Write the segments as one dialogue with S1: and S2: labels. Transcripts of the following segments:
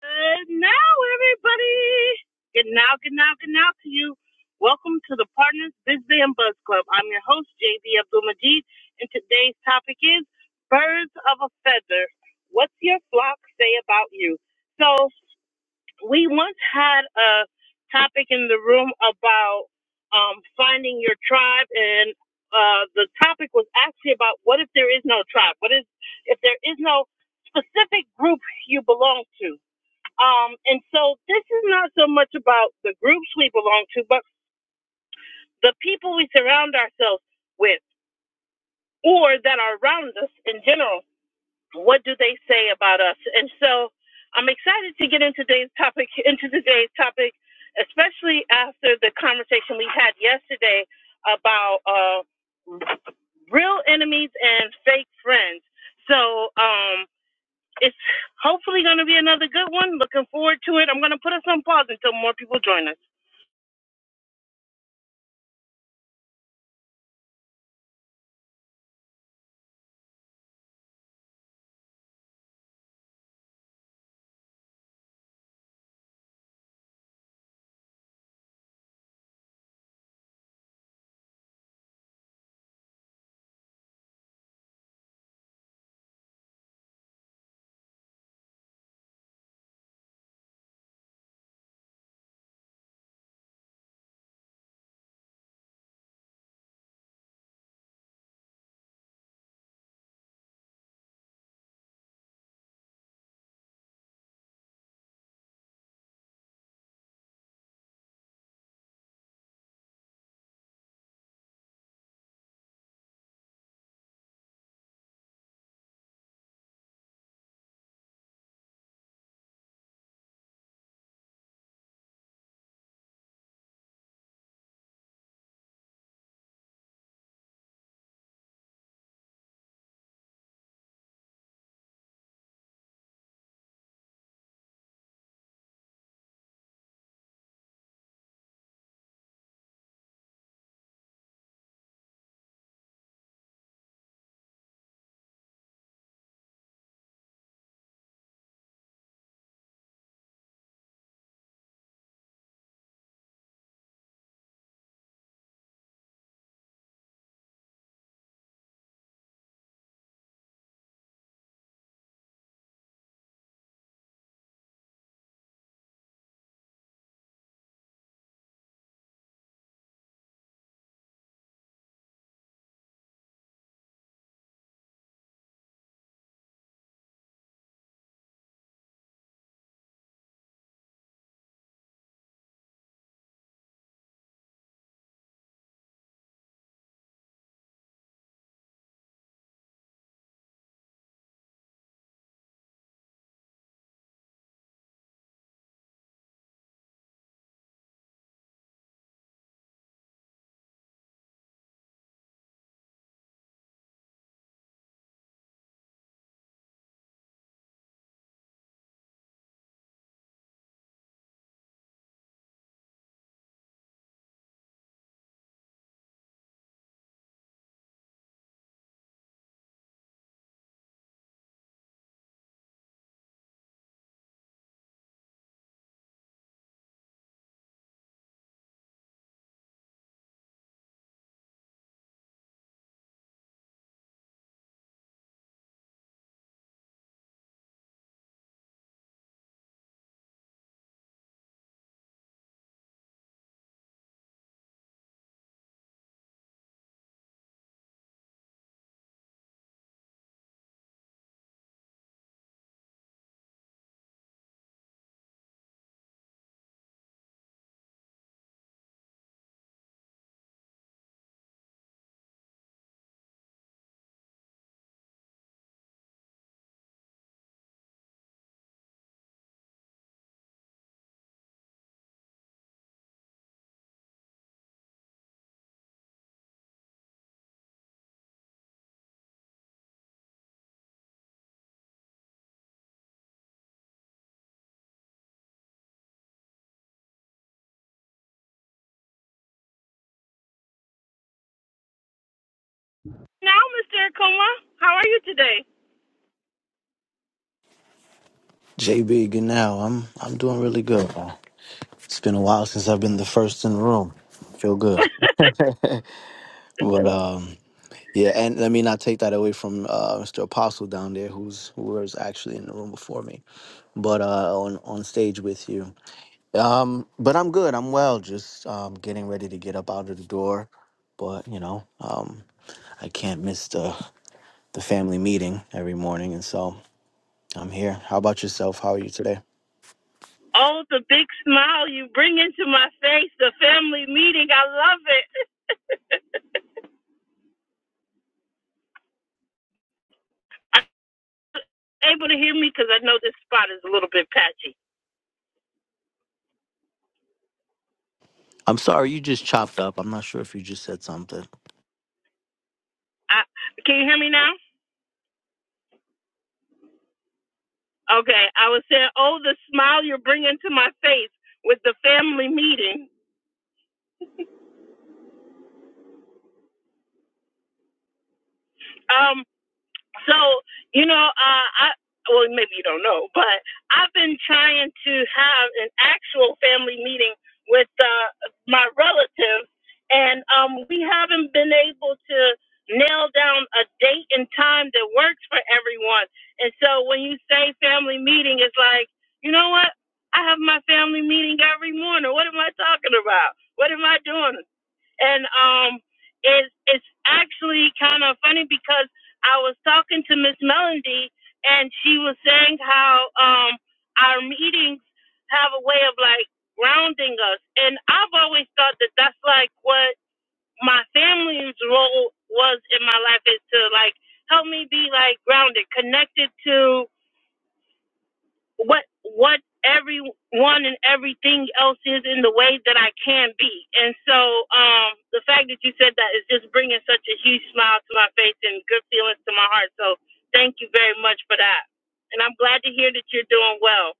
S1: Good now, everybody. Good now, good now, good now to you. Welcome to the Partners Biz Bay and Buzz Club. I'm your host, JB Abdul Majid, and today's topic is Birds of a Feather. What's your flock say about you? So, we once had a topic in the room about um, finding your tribe, and uh, the topic was actually about what if there is no tribe? What is if there is no specific group you belong to? Um, and so this is not so much about the groups we belong to, but the people we surround ourselves with or that are around us in general. What do they say about us? And so I'm excited to get into today's topic, into today's topic, especially after the conversation we had yesterday about uh, real enemies and fake friends. So um, it's hopefully going to be another good one. Looking forward to it. I'm going to put us on pause until more people join us. Now, Mr. Akuma, how are you today?
S2: J Big and now I'm I'm doing really good. man. It's been a while since I've been the first in the room. Feel good. But um yeah, and let me not take that away from uh Mr. Apostle down there who's who was actually in the room before me. But uh on on stage with you. Um but I'm good. I'm well. Just um getting ready to get up out of the door. But, you know, um I can't miss the the family meeting every morning and so I'm here. How about yourself? How are you today?
S1: Oh, the big smile you bring into my face, the family meeting. I love it. Are you able to hear me? Because I know this spot is a little bit patchy.
S2: I'm sorry, you just chopped up. I'm not sure if you just said something.
S1: I, can you hear me now? Okay, I was saying, oh, the smile you're bringing to my face with the family meeting. Oh, So, you know, uh, I well, maybe you don't know, but I've been trying to have an actual family meeting with uh, my relatives, and um, we haven't been able to nail down a date and time that works for everyone. And so, when you say family meeting, it's like, you know what? I have my family meeting every morning. What am I talking about? What am I doing? and um, it, it's actually kind of funny because I was talking to Miss Melody, and she was saying how um, our meetings have a way of like grounding us, and I've always thought that that's like what my family's role was in my life is to like help me be like grounded, connected to what what everyone and everything else is in the way that I can be. And so um, the fact that you said that is just bringing such a huge smile to my face and good feelings to my heart. So thank you very much for that. And I'm glad to hear that you're doing well.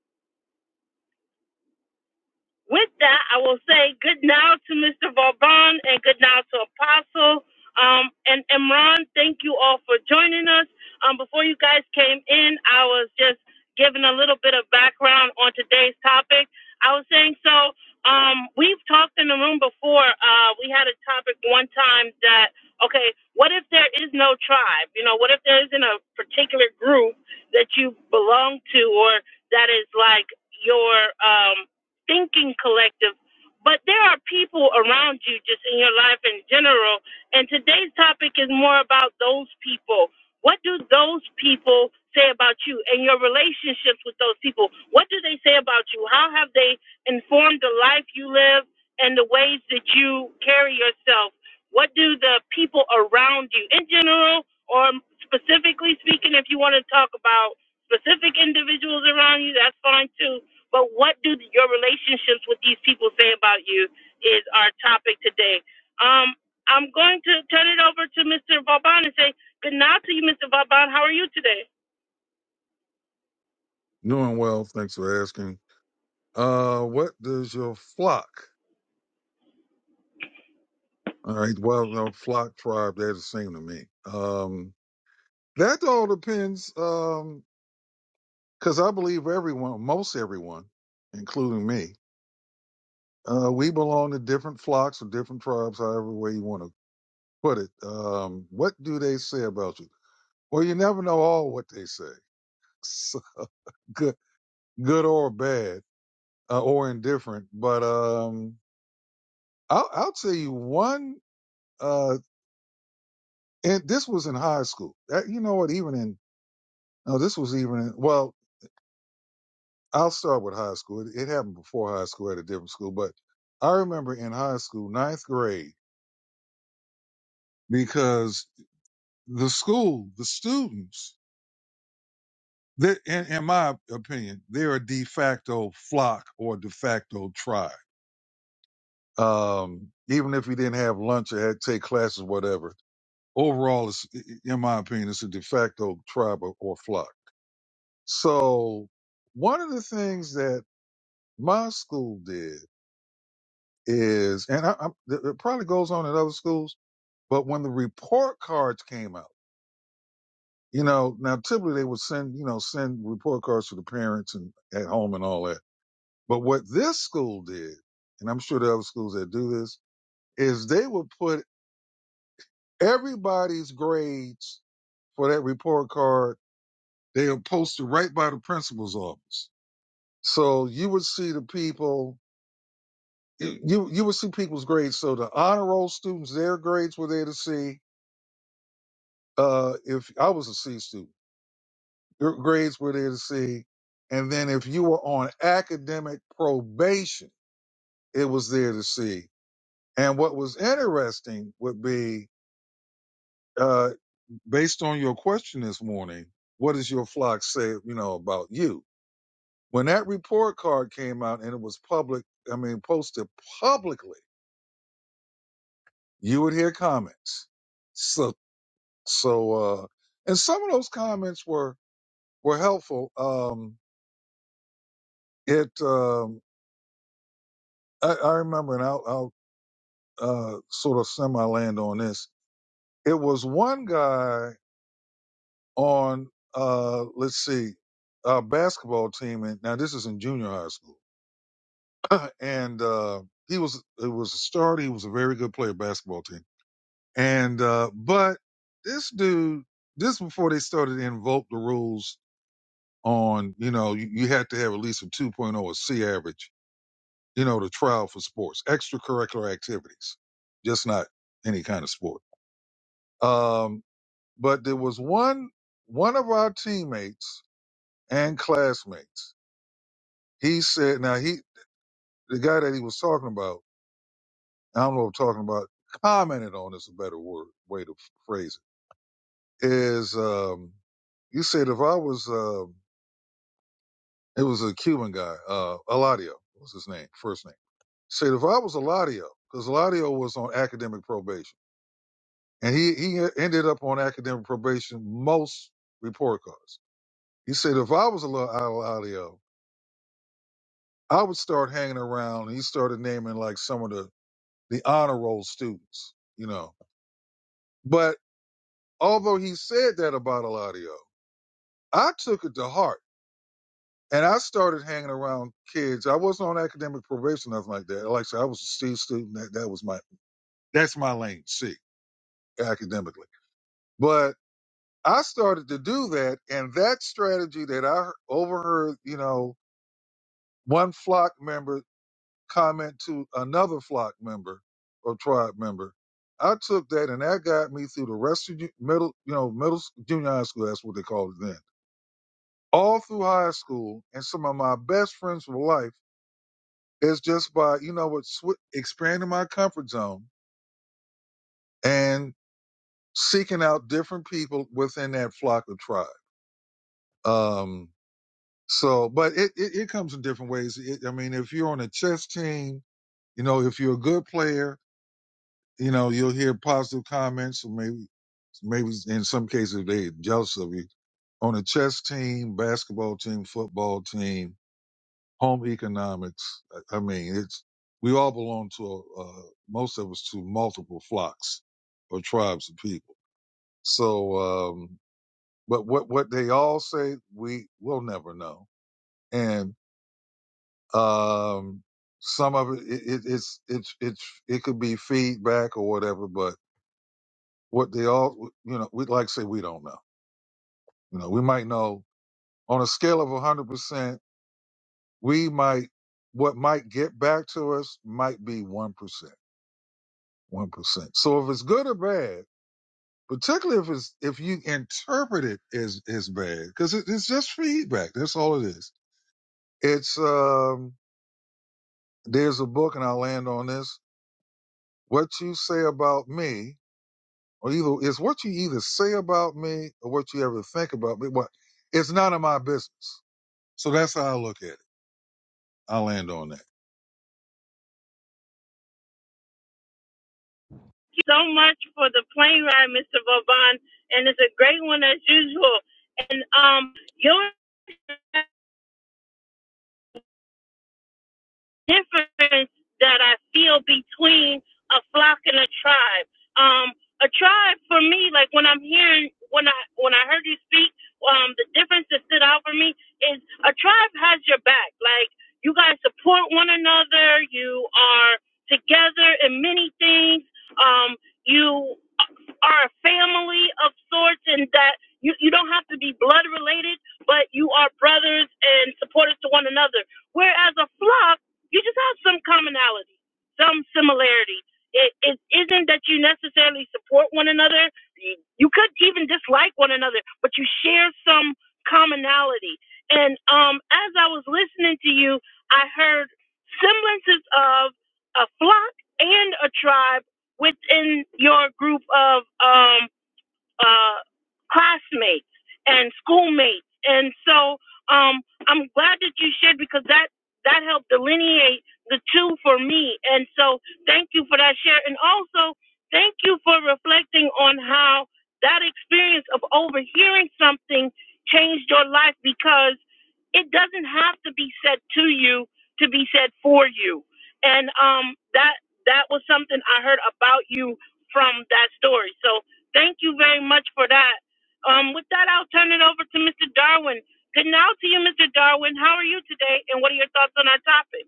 S1: With that, I will say good now to Mr. Vauban and good now to Apostle. Um, and Imran, thank you all for joining us. Um, before you guys came in, I was just giving a little bit of background on today's topic. I was saying so. Um, we've talked in the room before. Uh, we had a topic one time that okay, what if there is no tribe? You know, what if there isn't a particular group that you belong to or that is like your um thinking collective, but there are people around you just in your life in general. And today's topic is more about those people. What do those people say about you and your relationships with those people? What do they say about you? How have they informed the life you live and the ways that you carry yourself? What do the people around you in general or specifically speaking, if you want to talk about specific individuals around you, that's fine too but what do your relationships with these people say about you is our topic today. Um, I'm going to turn it over to Mr. Vauban and say good night to you, Mr. Vauban. How are you today?
S3: Doing well, thanks for asking. Uh, what does your flock? All right, well, no, flock tribe, they're the same to me. Um, that all depends, um, cause I believe everyone, most everyone, including me, uh, we belong to different flocks or different tribes, however way you want to put it. Um, what do they say about you? Well, you never know all what they say, so good, good or bad, uh, or indifferent. But, um, I'll, I'll tell you one Uh. And this was in high school. That, you know what? Even in no, this was even in. Well, I'll start with high school. It, it happened before high school at a different school, but I remember in high school, ninth grade, because the school, the students, that in, in my opinion, they're a de facto flock or de facto tribe. Um, even if you didn't have lunch or had to take classes, whatever. Overall, it's, in my opinion, it's a de facto tribe or, or flock. So one of the things that my school did is, and I, I, it probably goes on at other schools, but when the report cards came out, you know, now typically they would send, you know, send report cards to the parents and at home and all that. But what this school did, and I'm sure the other schools that do this, is they would put everybody's grades for that report card. They would post it right by the principal's office. So you would see the people you you you would see people's grades. So the honor roll students, their grades were there to see. Uh, if I was a C student, your grades were there to see. And then if you were on academic probation, it was there to see. And what was interesting would be, uh, based on your question this morning, what does your flock say, you know, about you? When that report card came out and it was public, I mean, posted publicly, you would hear comments. So. So, uh, and some of those comments were were helpful. Um, it um, I, I remember, and I'll, I'll uh, sort of semi land on this. It was one guy on uh, let's see, a basketball team, and now this is in junior high school, and uh, he was it was a starter. He was a very good player, basketball team, and uh, but this dude, this before they started to invoke the rules on, you know, you, you had to have at least a 2.0 or C average, you know, to trial for sports, extracurricular activities, just not any kind of sport. Um, but there was one, one of our teammates and classmates. He said, now he, the guy that he was talking about, I don't know what I'm talking about, commented on is a better word, way to phrase it, is, um, you said if I was, um, it was a Cuban guy, uh, Eladio was his name, first name Say, if I was Eladio, because Eladio was on academic probation, and he, he e, ended up on academic probation most report cards. He said, if I was Eladio, I would start hanging around. And he started naming like some of the, the honor roll students, you know. But although he said that about Eladio, I took it to heart. And I started hanging around kids. I wasn't on academic probation, nothing like that. Like I said, I was a C student. That, that was my, that's my lane, C, academically. But I started to do that, and that strategy that I overheard, you know, one flock member comment to another flock member or tribe member, I took that and that got me through the rest of ju- middle, you know, middle s- junior high school. That's what they called it then. All through high school, and some of my best friends for life is just by you know what swi expanding my comfort zone and seeking out different people within that flock or tribe. Um, So, but it, it, it comes in different ways. It, I mean, if you're on a chess team, you know, if you're a good player, you know, you'll hear positive comments. Or maybe, maybe in some cases they're jealous of you. On a chess team, basketball team, football team, home economics. I I mean, it's we all belong to uh, most of us to multiple flocks or tribes of people. So, um, but what what they all say, we will never know. and. Um, some of it, it, it it's it's it's it could be feedback or whatever, but what they all you know, we like I say we don't know. You know, we might know on a scale of hundred percent, we might what might get back to us might be one percent, one percent. So if it's good or bad, particularly if it's if you interpret it as as bad, because it, it's just feedback. That's all it is. It's um. There's a book, and I'll land on this. What you say about me Or either it's what you either say about me or what you ever think about me. But it's none of my business. So that's how I look at it. I land on that.
S1: Thank you so much for the plane ride, Mr. Vauban, and it's a great one as usual. And um, your difference that I feel between a flock and a tribe. Um, a tribe for me, like when I'm hearing when I when I heard you speak, um, the difference that stood out for me is a tribe has your back. Like you guys support one another, you are together in many things. Um, you are a family of sorts and that you, you don't have to be blood related, but you are brothers and supporters to one another. Whereas a flock, you just have some commonality, some similarity. It, it isn't that you necessarily support one another. You you could even dislike one another, but you share some commonality. And um, as I was listening to you, I heard semblances of a flock and a tribe within your group of um uh, classmates and schoolmates. And so um, I'm glad that you shared because that that helped delineate the two for me. And so thank you for that share. And also thank you for reflecting on how that experience of overhearing something changed your life because it doesn't have to be said to you to be said for you. And um, that that was something I heard about you from that story. So Thank you very much for that. Um, with that, I'll turn it over to Mr. Darwin. Good now to you, Mr. Darwin. How are you today, and what are your thoughts on our topic?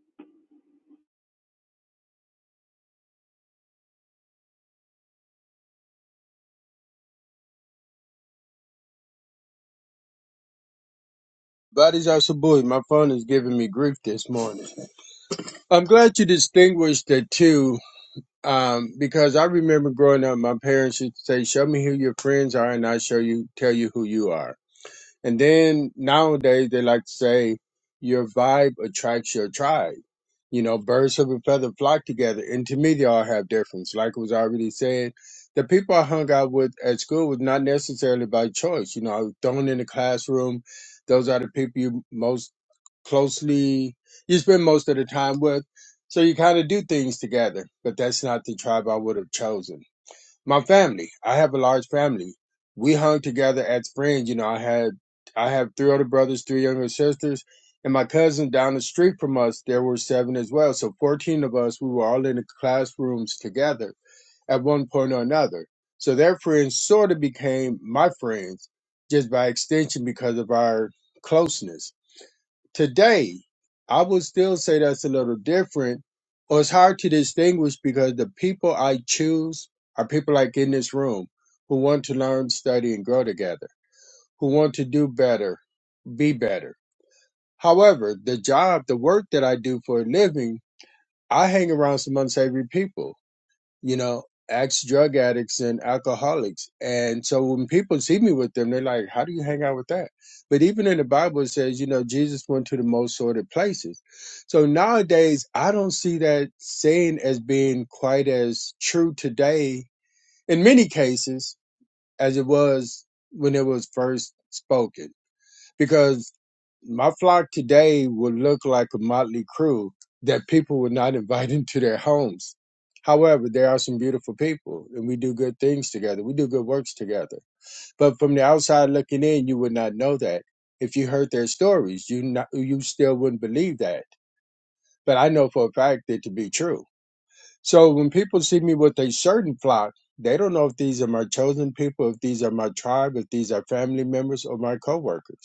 S4: Bodies Badis Asabui, my phone is giving me grief this morning. I'm glad you distinguished the two um, because I remember growing up, my parents used to say, Show me who your friends are, and I will show you, tell you who you are. And then nowadays, they like to say, Your vibe attracts your tribe. You know, birds of a feather flock together. And to me, they all have difference. Like was already said, the people I hung out with at school was not necessarily by choice. You know, I was thrown in the classroom. Those are the people you most closely you spend most of the time with. So you kind of do things together, but that's not the tribe I would have chosen. My family, I have a large family. We hung together as friends. You know, I had I have three older brothers, three younger sisters, and my cousin down the street from us, there were seven as well. So fourteen of us, we were all in the classrooms together at one point or another. So their friends sort of became my friends just by extension because of our closeness today, I would still say that's a little different, or it's hard to distinguish because the people I choose are people like in this room who want to learn, study, and grow together, who want to do better, be better. However, the job, the work that I do for a living, I hang around some unsavory people you know, ex drug addicts and alcoholics. And so when people see me with them, they're like, how do you hang out with that? But even in the Bible, it says, you know, Jesus went to the most sordid places. So nowadays, I don't see that saying as being quite as true today in many cases as it was when it was first spoken because my flock today would look like a motley crew that people would not invite into their homes. However, there are some beautiful people and we do good things together. We do good works together. But from the outside looking in, you would not know that. If you heard their stories, you not, you still wouldn't believe that. But I know for a fact that to be true. So when people see me with a certain flock, they don't know if these are my chosen people, if these are my tribe, if these are family members or my coworkers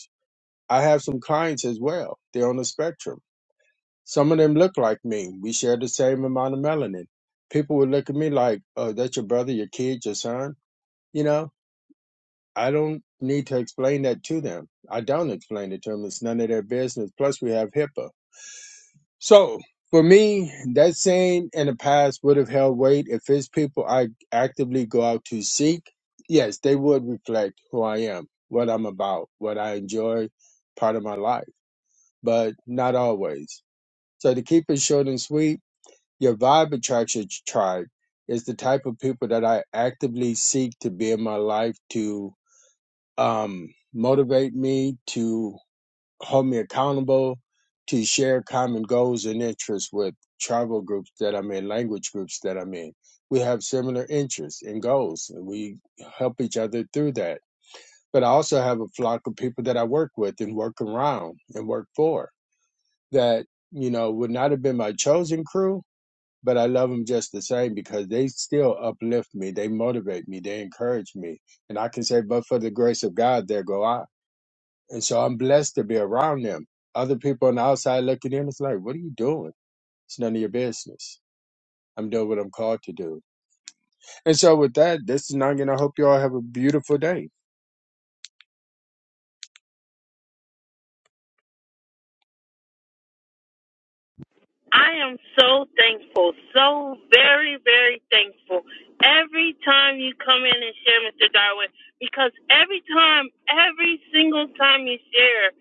S4: I have some clients as well. They're on the spectrum. Some of them look like me. We share the same amount of melanin. People would look at me like, oh, that's your brother, your kid, your son. You know, I don't need to explain that to them. I don't explain it to them. It's none of their business. Plus, we have HIPAA. So, for me, that saying in the past would have held weight if it's people I actively go out to seek. Yes, they would reflect who I am, what I'm about, what I enjoy, part of my life. but not always. So to keep it short and sweet, your vibe attraction tribe is the type of people that I actively seek to be in my life to um, motivate me, to hold me accountable, to share common goals and interests with tribal groups that I'm in, language groups that I'm in. We have similar interests and goals, and we help each other through that. But I also have a flock of people that I work with and work around and work for that you know would not have been my chosen crew but i love them just the same because they still uplift me they motivate me they encourage me and i can say but for the grace of god there go i and so i'm blessed to be around them other people on the outside looking in it's like what are you doing it's none of your business i'm doing what i'm called to do and so, with that, this is Nugget. I hope you all have a beautiful day.
S1: I am so thankful, so very, very thankful every time you come in and share, Mr. Darwin, because every time, every single time you share,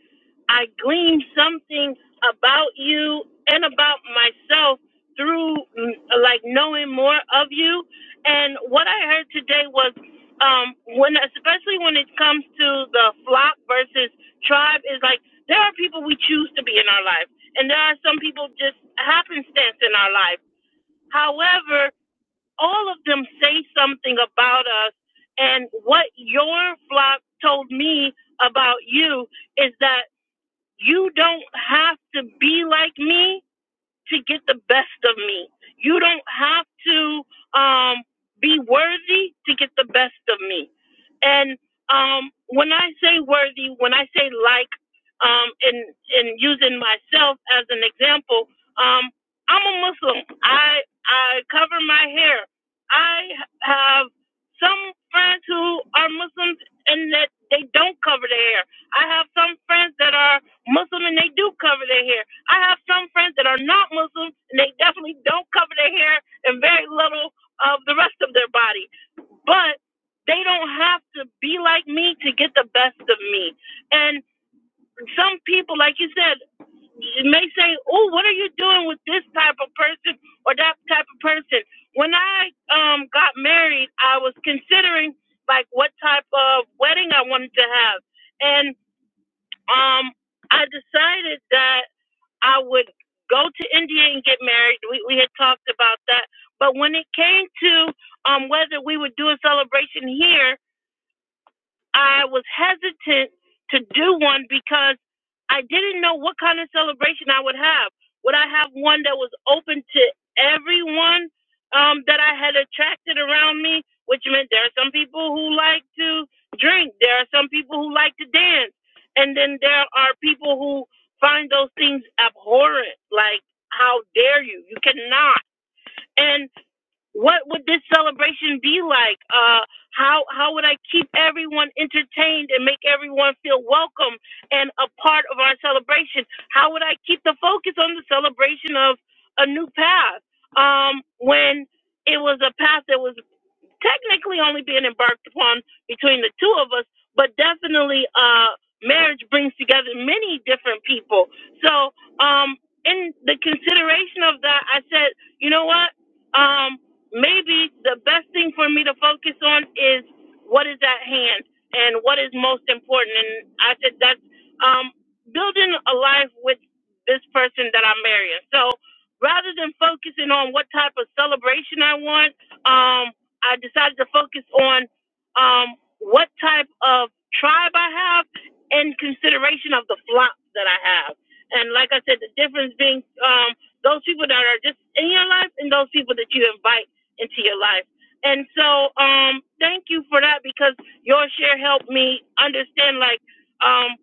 S1: I gleaned something about you and about myself through mm, like knowing more of you. And what I heard today was um, when, especially when it comes to the flock versus tribe, is like there are people we choose to be in our life, and there are some people just happenstance in our life. However, all of them say something about us, and what your flock told me about you is that you don't have to be like me to get the best of me. You don't have to um, be worthy to get the best of me. And um, when I say worthy, when I say like, um, and and using myself as an example, um, I'm a Muslim. I I cover my hair. I have some friends who are Muslims and that they don't cover their hair. I have some friends that are Muslim and they do cover their hair. I have some friends that are not Muslim and they definitely don't cover their hair and very little of the rest of their body. But they don't have to be like me to get the best of me. And some people, like you said, may say, "Oh, what are you doing with this type of person or that type of person?" When I um, got married, I was considering like what type of wedding I wanted to have, and um, I decided that. I would go to India and get married. We we had talked about that. But when it came to um whether we would do a celebration here, I was hesitant to do one because I didn't know what kind of celebration I would have. Would I have one that was open to everyone um, that I had attracted around me? Which meant there are some people who like to drink, there are some people who like to dance, and then there are people who find those things abhorrent. Like, how dare you? You cannot. And what would this celebration be like? Uh, how how would I keep everyone entertained and make everyone feel welcome and a part of our celebration? How would I keep the focus on the celebration of a new path um, when it was a path that was technically only being embarked upon between the two of us, but definitely uh marriage brings together many different people. So um in the consideration of that I said, you know what? Um maybe the best thing for me to focus on is what is at hand and what is most important and I said that's um building a life with this person that I'm marrying. So rather than focusing on what type of celebration I want, um, I decided to focus on um, what type of tribe I have in consideration of the flocks that I have. And like I said, the difference being um, those people that are just in your life and those people that you invite into your life. And so um, thank you for that because your share helped me understand like, um,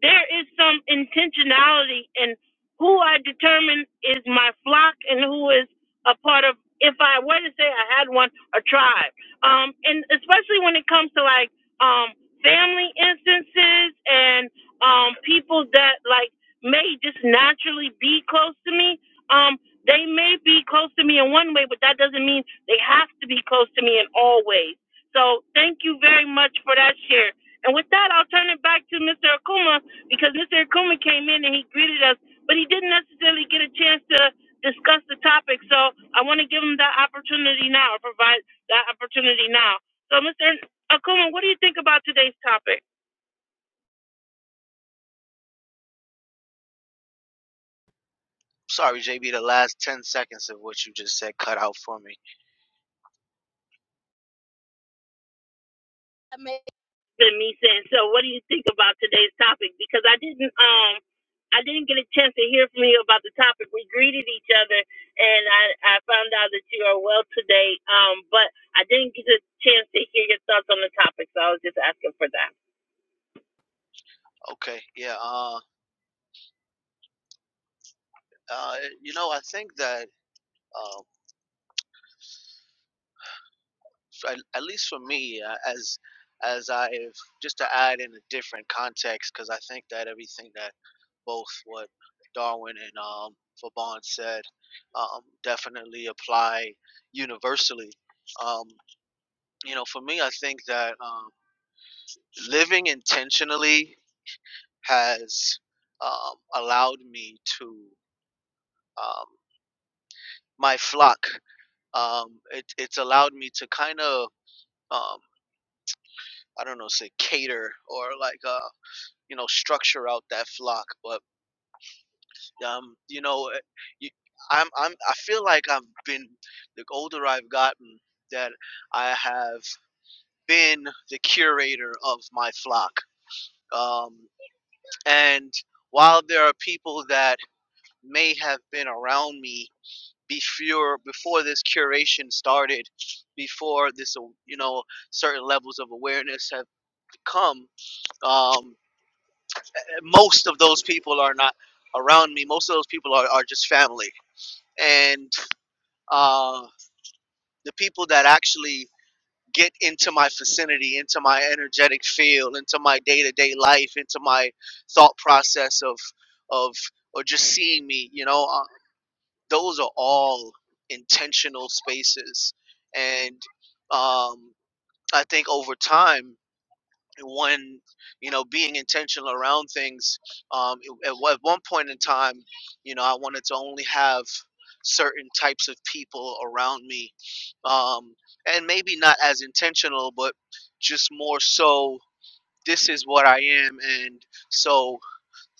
S1: there is some intentionality in who I determine is my flock and who is a part of if I were to say I had one, a tribe. Um and especially when it comes to like um family instances and um people that like may just naturally be close to me. Um they may be close to me in one way, but that doesn't mean they have to be close to me in all ways. So thank you very much for that share. And with that, I'll turn it back to Mr. Akuma because Mr. Akuma came in and he greeted us, but he didn't necessarily get a chance to discuss the topic. So I want to give him that opportunity now, or provide that opportunity now. So, Mr. Akuma, what do you think about today's topic?
S2: Sorry, JB, the last 10 seconds of what you just said cut out for me.
S1: Amazing. Than me saying so. What do you think about today's topic? Because I didn't, um, I didn't get a chance to hear from you about the topic. We greeted each other, and I, I found out that you are well today. Um, but I didn't get a chance to hear your thoughts on the topic, so I was just asking for that.
S2: Okay, yeah, uh, uh, you know, I think that, uh, at, at least for me, uh, as as I've just to add in a different context, because I think that everything that both what Darwin and um, Vaughn said um, definitely apply universally. Um, you know, for me, I think that um, living intentionally has um, allowed me to um, my flock. Um, it, it's allowed me to kind of um, I don't know, say cater or like uh, you know structure out that flock. But um, you know, eh, you, I'm I'm I feel like I've been the older I've gotten that I have been the curator of my flock. Um, and while there are people that may have been around me before before this curation started, before this uh, you know certain levels of awareness have come, um, most of those people are not around me. Most of those people are, are just family, and uh, the people that actually get into my vicinity, into my energetic field, into my day to day life, into my thought process of of or just seeing me, you know. those are all intentional spaces and um, i think over time when you know being intentional around things um, at, at one point in time you know i wanted to only have certain types of people around me um, and maybe not as intentional but just more so this is what i am and so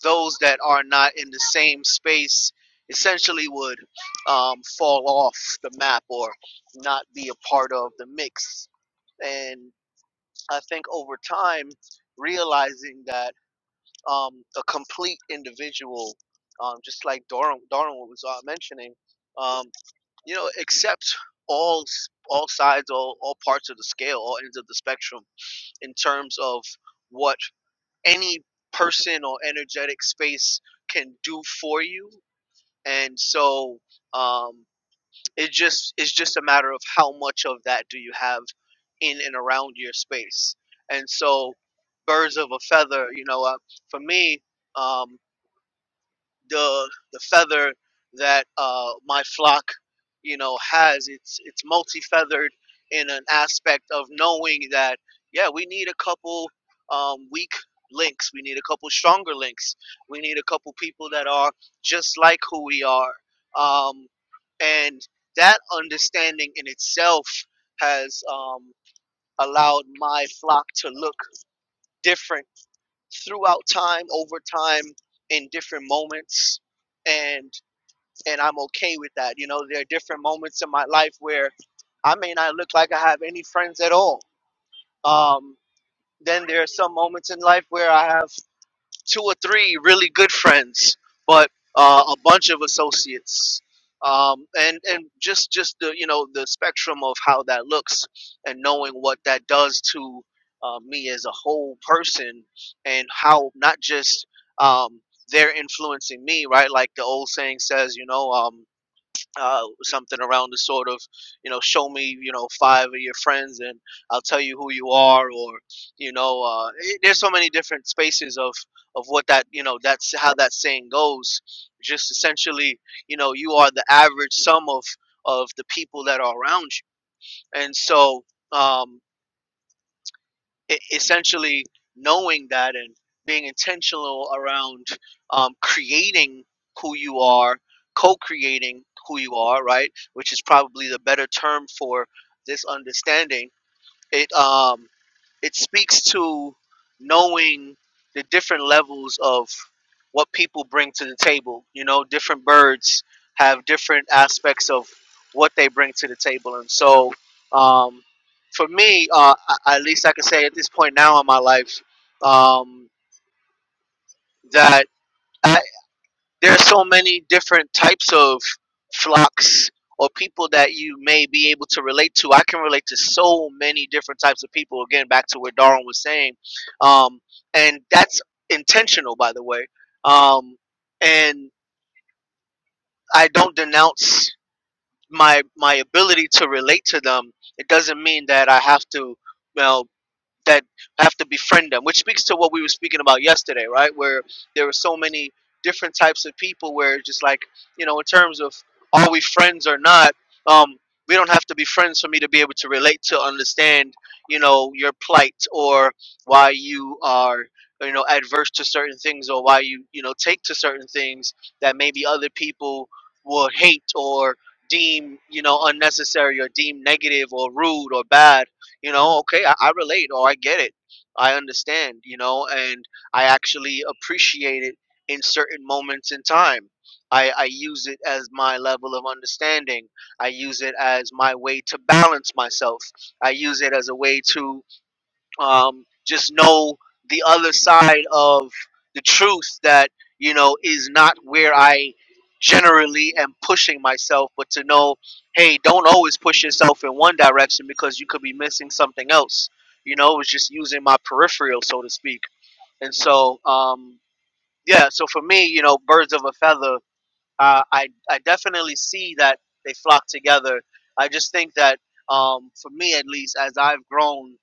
S2: those that are not in the same space essentially would um, fall off the map or not be a part of the mix. And I think over time, realizing that um, a complete individual, um, just like Darwin, Darwin was uh, mentioning, um, you know, accepts all all sides, all, all parts of the scale, all ends of the spectrum in terms of what any person or energetic space can do for you and so um, it just it's just a matter of how much of that do you have in and around your space and so birds of a feather you know uh, for me um, the the feather that uh, my flock, you know, has. It's it's multi feathered in an aspect of knowing that yeah, we need a couple um, weak links. We need a couple stronger links. We need a couple people that are just like who we are. Um, and that understanding in itself has um, allowed my flock to look different throughout time, over time, in different moments, and and I'm okay with that. You know, there are different moments in my life where I may not look like I have any friends at all. Um, then there are some moments in life where I have two or three really good friends, but uh, a bunch of associates. Um, and and just just the you know the spectrum of how that looks and knowing what that does to uh, me as a whole person and how not just um, they're influencing me right like the old saying says you know um, uh, something around the sort of, you know, show me, you know, five of your friends and I'll tell you who you are, or, you know, uh, it, there's so many different spaces of of what that, you know, that's how that saying goes. Just essentially, you know, you are the average sum of of the people that are around you, and so. Um, e- essentially knowing that and being intentional around um, creating who you are, co-creating who you are, right? Which is probably the better term for this understanding. It um, it speaks to knowing the different levels of what people bring to the table. You know, different birds have different aspects of what they bring to the table, and so um, for me, uh, I- at least I can say at this point now in my life um, that there are so many different types of flocks or people that you may be able to relate to. I can relate to so many different types of people. Again, back to what Darwin was saying, um, and that's intentional, by the way. Um, and I don't denounce my my ability to relate to them. It doesn't mean that I have to. well that have to befriend them, which speaks to what we were speaking about yesterday, right? Where there were so many different types of people where just like, you know, in terms of are we friends or not, um, we don't have to be friends for me to be able to relate to understand, you know, your plight or why you are you know adverse to certain things or why you you know take to certain things that maybe other people will hate or deem you know unnecessary or deem negative or rude or bad you know okay I, I relate or i get it i understand you know and i actually appreciate it in certain moments in time I, I use it as my level of understanding i use it as my way to balance myself i use it as a way to um, just know the other side of the truth that you know is not where I generally am pushing myself, but to know, hey, don't always push yourself in one direction because you could be missing something else. You know, it was just using my peripheral, so to speak. And so, um, yeah, so for me, you know, birds of a feather uh, I, I definitely see that they flock together. I just think that um, for me, at least, as I've grown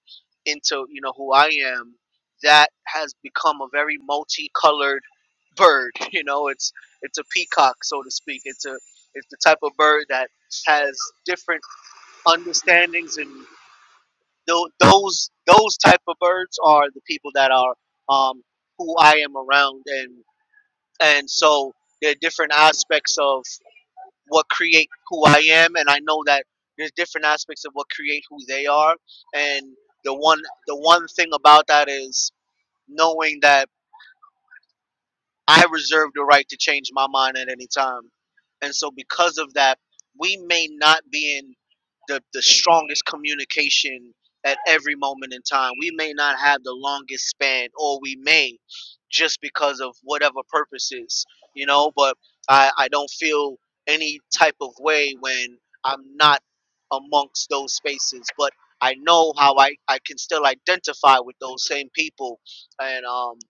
S2: into you know who I am, that has become a very multicolored bird. You know, it's it's a peacock, so to speak. It's a it's the type of bird that has different understandings, and tho- those those type of birds are the people that are um, who I am around, and and so there are different aspects of what create who I am, and I know that there's different aspects of what create who they are, and the one the one thing about that is knowing that I reserve the right to change my mind at any time. And so, because of that, we may not be in the, the strongest communication at every moment in time. We may not have the longest span, or we may just because of whatever purposes, you know. But I, I don't feel any type of way when I'm not amongst those spaces. But I know how I, I can still identify with those same people. And um,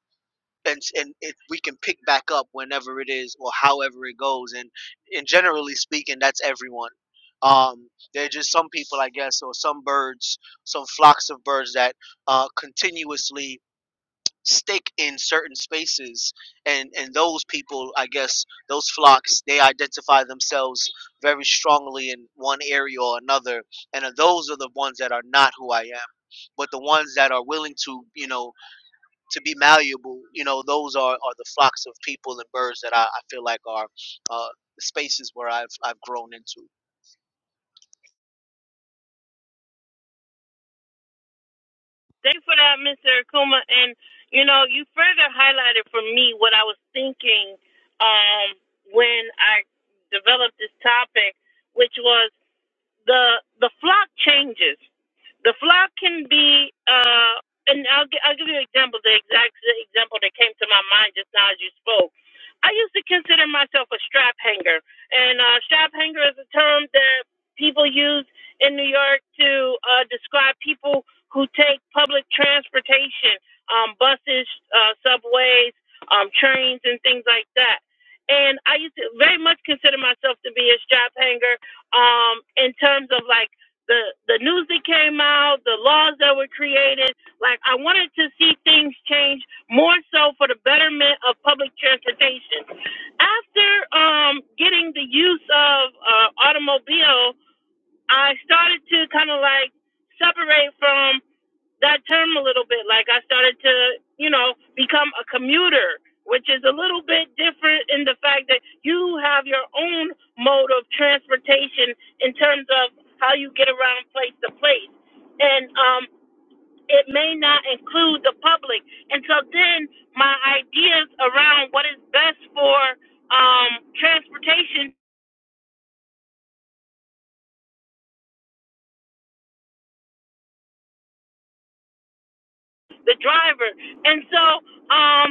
S2: and s- and it, we can pick back up whenever it is or however it goes and and generally speaking that's everyone um there are just some people i guess or some birds some flocks of birds that uh continuously stick in certain spaces and and those people i guess those flocks they identify themselves very strongly in one area or another and uh, those are the ones that are not who i am but the ones that are willing to you know to be malleable, you know, those are, are the flocks of people and birds that I, I feel like are uh, the spaces where I've I've grown into.
S1: Thanks for that, Mr. Akuma. And you know, you further highlighted for me what I was thinking um, when I developed this topic, which was the the flock changes. The flock can be, uh, and I'll, gi- I'll give you an example. The exact the example that came to my mind just now as you spoke. I used to consider myself a strap hanger, and uh, strap hanger is a term that people use in New York to uh, describe people who take public transportation, um, buses, uh, subways, um, trains, and things like that. And I used to very much consider myself to be a strap hanger um, in terms of like the the news that came out, the laws that were created. Like I wanted to see things change more so for the betterment of public transportation. After um, getting the use of uh, automobile, I started to kind of like separate from that term a little bit. Like I started to, you know, become a commuter, which is a little bit different in the fact that you have your own mode of transportation in terms of how you get around place to place. And um it may not include the public. And so then my ideas around what is best for um transportation, the driver. And so um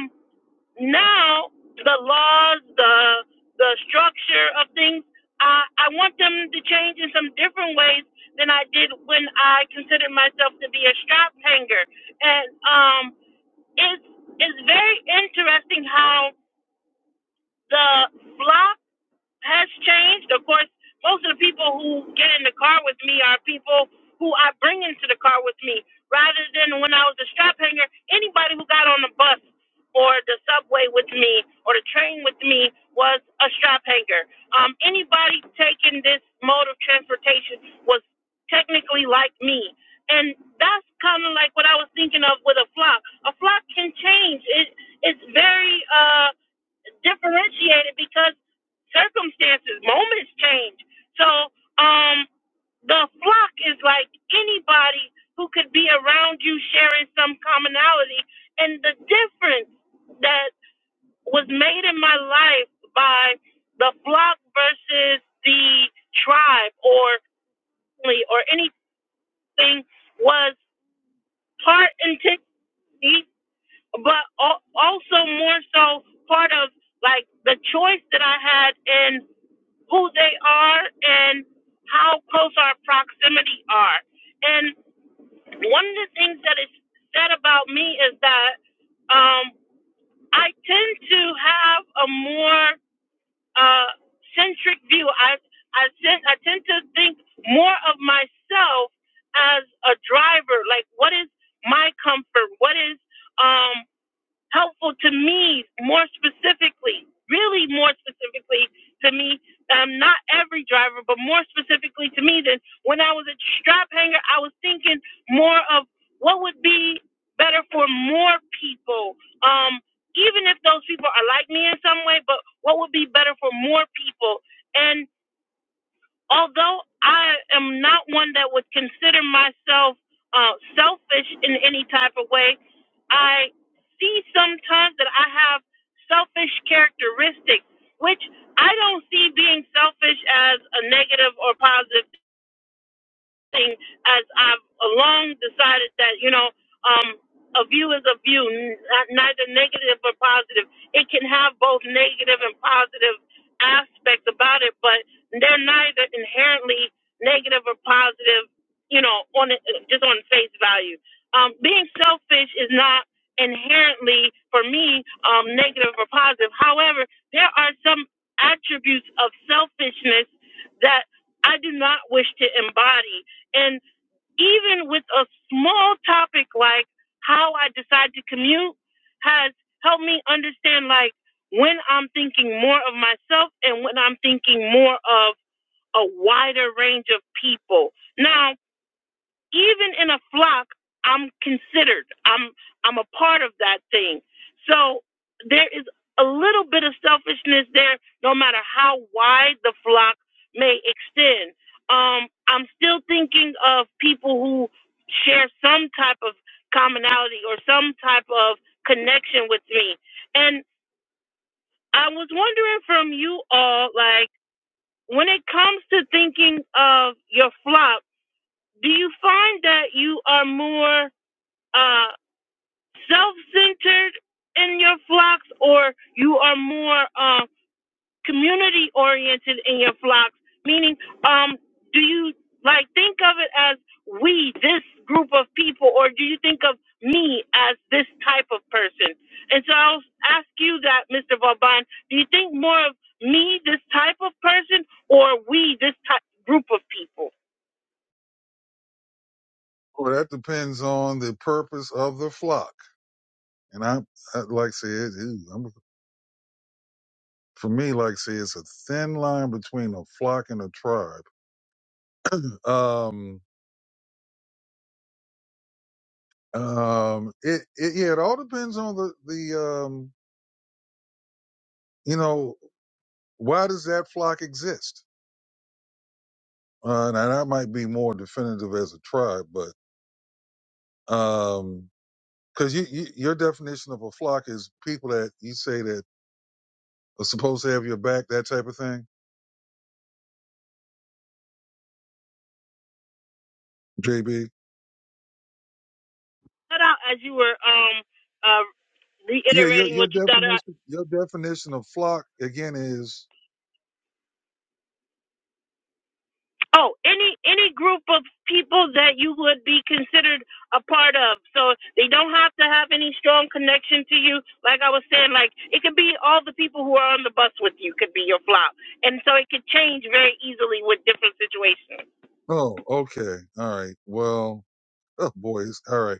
S1: now the laws, the the structure of things, I I want them to change in some different ways than I did when I considered myself to be a strap hanger. And um, it's it's very interesting how the block has changed. Of course, most of the people who get in the car with me are people who I bring into the car with me rather than when I was a strap hanger. Anybody who got on the bus or the subway with me or the train with me was a strap hanger. Um, anybody taking this mode of transportation was technically like me. And that's kind of like what I was thinking of with a flock. A flock can change. It, it's very. Uh, differentiated because circumstances, moments change. So um, the flock is like anybody who could be around you sharing some commonality. And the difference that was made in my life by the flock versus the tribe or family or anything was part intensity, but al- also more so part of like the choice that I had in who they are and how close our proximity are. And one of the things that is said about me is that um, I tend to have a more uh, centric view. I I tend, I tend to think more of myself as a driver. Like, what is my comfort? What is um, helpful to me more specifically, really more specifically to me. Um, not every driver, but more specifically to me than when I was a strap hanger, I was thinking more of what would be better for more people. Um, even if those people are like me in some way, but what would be better for more people? And although I am not one that would consider myself uh, selfish in any type of way, I see sometimes that I have selfish characteristics, which I don't see being selfish as a negative or positive thing as I've long decided that, you know, um, a view is a view, n- uh, neither negative or positive. It can have both negative and positive aspects about it, but they're neither inherently negative or positive, you know, on it- just on face value. Um, being selfish is not inherently, for me, um, negative or positive. However, there are some attributes of selfishness that I do not wish to embody and even with a small topic like how I decide to commute has helped me understand like when I'm thinking more of myself and when I'm thinking more of a wider range of people. Now, even in a flock, I'm considered. I'm I'm a part of that thing. So there is a little bit of selfishness there, no matter how wide the flock may extend. Um, I'm still thinking of people who share some type of commonality or some type of connection with me. And I was wondering from you all, like, when it comes to thinking of your flock, do you find that you are more uh, self-centered in your flocks, or you are more uh, community-oriented in your flocks? Meaning, um, do you like think of it as we, this group of people, or do you think of me as this type of person? And so I'll ask you that, Mr. Vauban. Do you think more of me, this type of person, or we, this type group of people?
S3: Well, that depends on the purpose of the flock. And I, I like I said, ooh, I'm, for me, like I said, it's a thin line between a flock and a tribe. Um, um, it, it, yeah, it all depends on the, the, um, you know, why does that flock exist? Uh, now that might be more definitive as a tribe, but, um, because you, you your definition of a flock is people that you say that are supposed to have your back, that type of thing. JB.
S1: Cut out as you were um, uh,
S3: Yeah, your
S1: reiterating
S3: your
S1: what you thought
S3: definition your definition of flock again is
S1: Oh, any any group of people that you would be considered a part of. So they don't have to have any strong connection to you. Like I was saying, like it could be all the people who are on the bus with you could be your flop, and so it could change very easily with different situations.
S3: oh okay all right well oh boys all right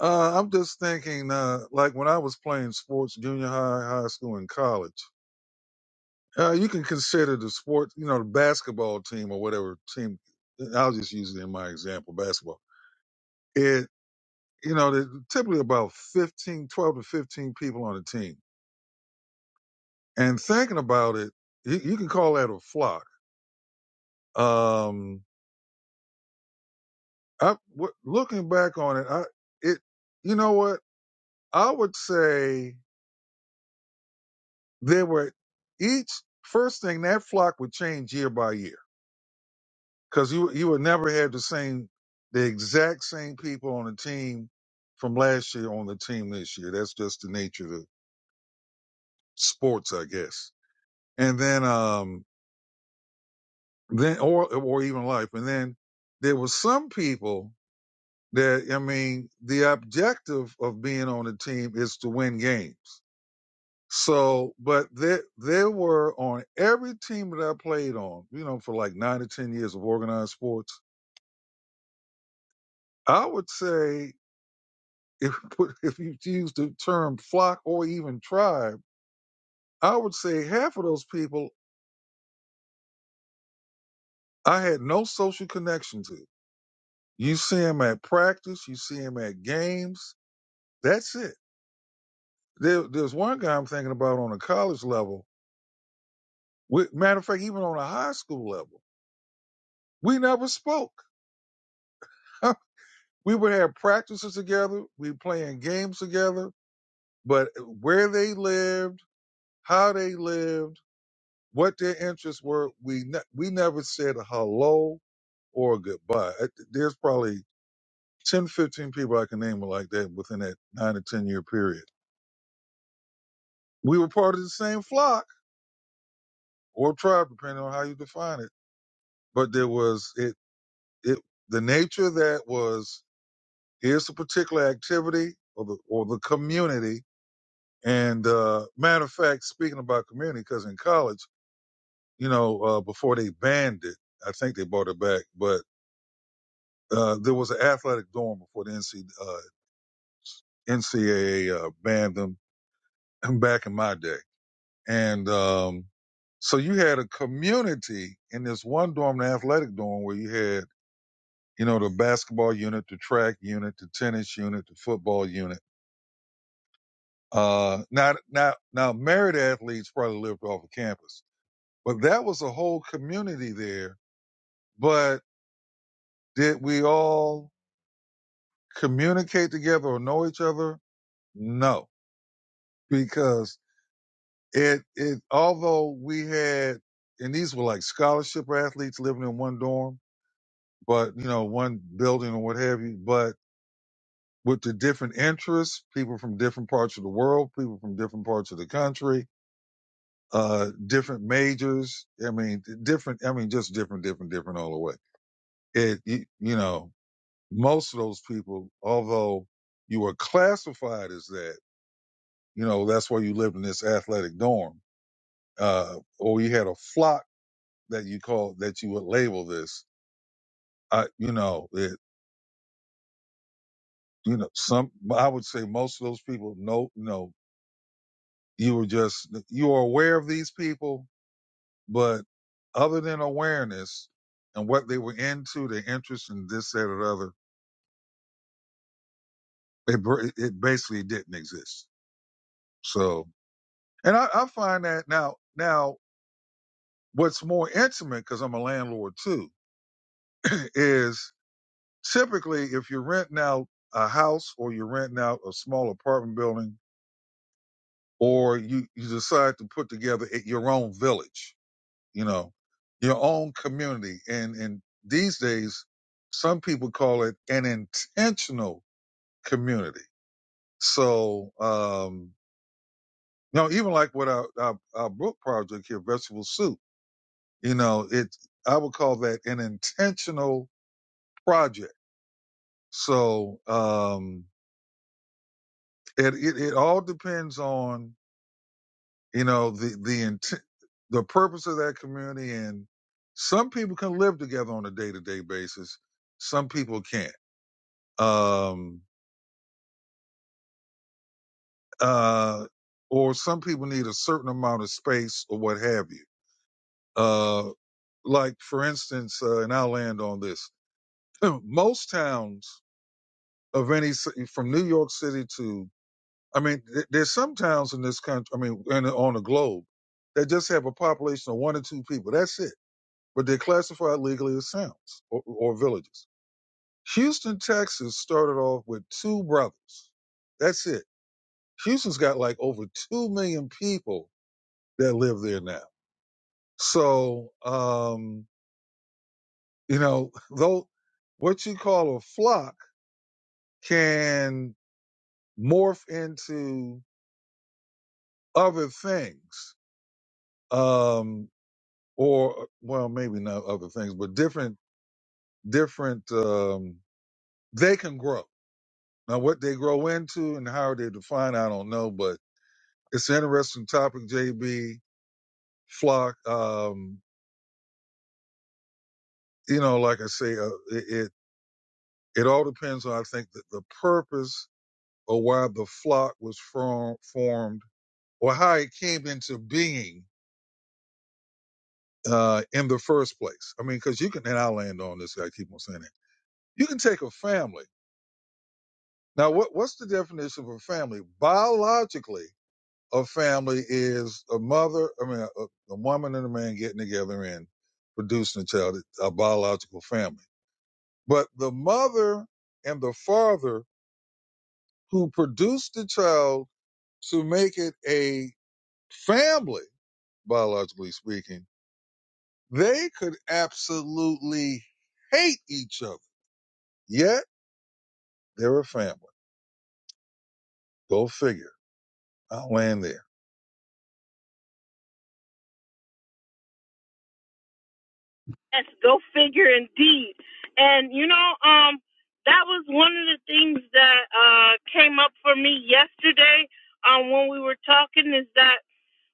S3: uh, I'm just thinking uh, like when I was playing sports junior high high school and college uh, you can consider the sport you know the basketball team or whatever team I'll just use it in my example basketball It You know, there's typically about 15, 12 to 15 people on a team. And thinking about it, you, you can call that a flock. Um, I, w- looking back on it, I, it, you know what? I would say there were each first thing that flock would change year by year because you, you would never have the same, the exact same people on the team from last year on the team this year. That's just the nature of the sports, I guess. And then, um, then or or even life. And then there were some people that I mean, the objective of being on a team is to win games. So, but there there were on every team that I played on, you know, for like nine to ten years of organized sports, I would say if you put if you use the term flock or even tribe, I would say half of those people I had no social connection to. You see them at practice, you see them at games. That's it There, there's one guy I'm thinking about on a college level. We, matter of fact, even on a high school level, we never spoke. we would have practices together. We playing games together. But where they lived, how they lived, what their interests were, we ne- we never said a hello or a goodbye. Uh, There's probably 10, 15 people I can name like that within that nine to 10 year period. We were part of the same flock or tribe, depending on how you define it. But there was it. it the nature of that was here's a particular activity or the or the community. And uh, matter of fact, speaking about community, because in college, you know, uh, before they banned it, I think they brought it back, but uh, there was an athletic dorm before the NC, uh, NCAA uh, banned them back in my day. And um, so you had a community in this one dorm, the athletic dorm, where you had, you know, the basketball unit, the track unit, the tennis unit, the football unit Uh, now, now, now, married athletes probably lived off of campus, but that was a whole community there. But did we all communicate together or know each other? No, because it, it, although we had, and these were like scholarship athletes living in one dorm, but you know, one building or what have you, but with the different interests, people from different parts of the world, people from different parts of the country, uh, different majors. I mean, different, I mean, just different, different, different all the way. It, you, you know, most of those people, although you were classified as that, you know, that's why you lived in this athletic dorm, uh, or you had a flock that you call, that you would label this. I, you know, it, you know, some, I would say most of those people know, you know, you were just, you were aware of these people, But other than awareness and what they were into, their interest in this, that, or the other, it, br- it basically didn't exist. So, and I, I find that now, now what's more intimate, because I'm a landlord too, is typically if you're renting out a house or you're renting out a small apartment building or you, you decide to put together it- your own village you know, your own community. And, and these days, some people call it an intentional community. So, um, you know, even like with our, our, our book project here, Vegetable Soup, you know, it, I would call that an intentional project. So, um, it, it, it all depends on, you know, the, the intent, the purpose of that community. And some people can live together on a day to day basis. Some people can't um, uh, or some people need a certain amount of space or what have you. Uh, like for instance, uh, and I'll land on this. Most towns of any city, from New York City to, I mean, th- there's some towns in this country, I mean, and on the globe that just have a population of one or two people. That's it. But they're classified legally as towns or, or villages. Houston, Texas started off with two brothers. That's it. Houston's got like over 2 million people that live there now. So, um, you know, though what you call a flock can morph into other things, um, or well, maybe not other things, but different, different, um, they can grow. Now, what they grow into and how they define, I don't know, but it's an interesting topic, JB. Flock, um, you know, like I say, uh, it, it, it all depends on, I think, the, the purpose or why the flock was from, formed or how it came into being uh, in the first place. I mean, because you can, and I'll land on this, I keep on saying it. You can take a family. Now, what, what's the definition of a family? Biologically, a family is a mother, I mean, a, a woman and a man getting together and producing a child, a biological family. But the mother and the father who produced the child to make it a family biologically speaking, they could absolutely hate each other. Yet they're a family. Go figure. I'll land there.
S1: Yes, go figure, indeed. And you know, um, that was one of the things that uh came up for me yesterday. Um, when we were talking, is that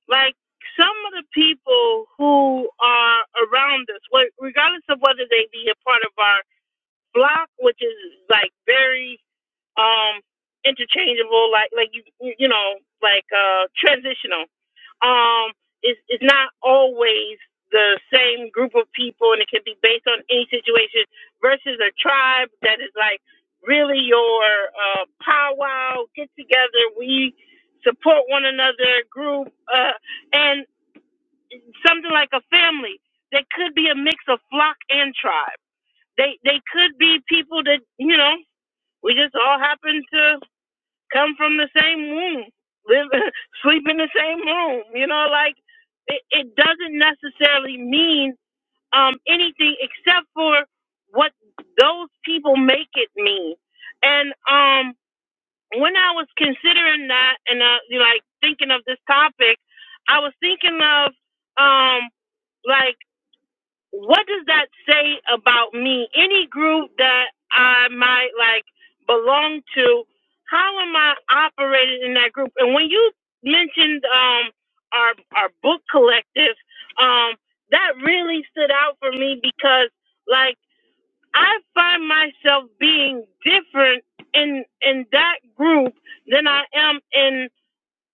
S1: like some of the people who are around us, regardless of whether they be a part of our block, which is like very um interchangeable like like you you know like uh transitional um it's it's not always the same group of people and it can be based on any situation versus a tribe that is like really your uh powwow get together we support one another group uh and something like a family that could be a mix of flock and tribe they they could be people that you know we just all happen to come from the same womb, live, sleep in the same room. You know, like it, it doesn't necessarily mean um, anything except for what those people make it mean. And um, when I was considering that and uh, like thinking of this topic, I was thinking of um, like what does that say about me? Any group that I might like belong to, how am I operating in that group? And when you mentioned um our our book collective, um, that really stood out for me because like I find myself being different in in that group than I am in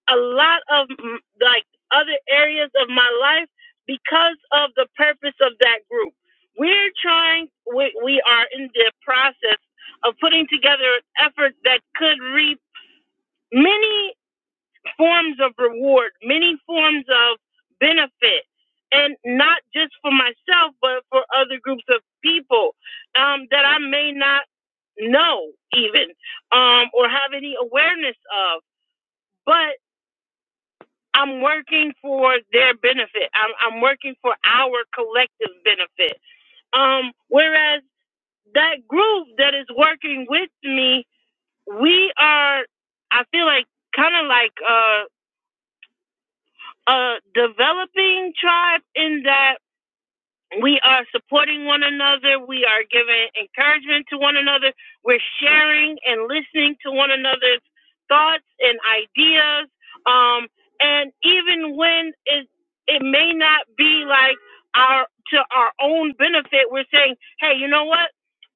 S1: a lot of mm, like other areas of my life because of the purpose of that group. We're trying, we, we are in the process of putting together an effort that could reap many forms of reward, many forms of benefit, and not just for myself, but for other groups of people um, that I may not know even um, or have any awareness of. But I'm working for their benefit. I'm, I'm working for our collective benefit. Um, whereas that group that is working with me, we are, I feel like, kind of like a, a developing tribe in that we are supporting one another. We are giving encouragement to one another. We're sharing and listening to one another's thoughts and ideas. Um, and even when it it may not be like our to our own benefit, we're saying, hey, you know what?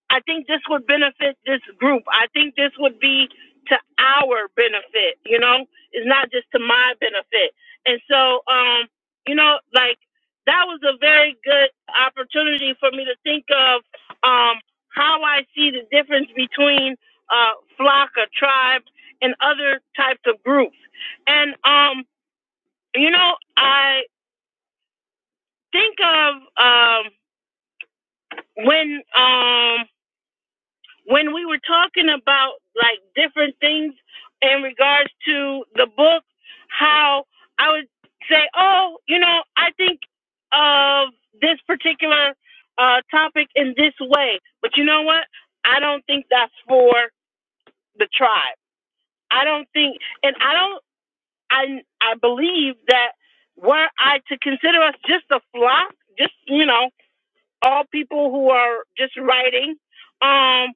S1: I think this would benefit this group. I think this would be to our benefit. You know, it's not just to my benefit. And so, um, you know, like that was a very good opportunity for me to think of um, how I see the difference between uh, flock or tribe and other types of groups. And um, you know, I think of um, when um, when we were talking about like different things in regards to the book, how I would say, oh, you know, I think of this particular uh, topic in this way, but you know what? I don't think that's for the tribe. I don't think, and I don't, I, I believe that were I to consider us just a flock, just, you know, all people who are just writing, um,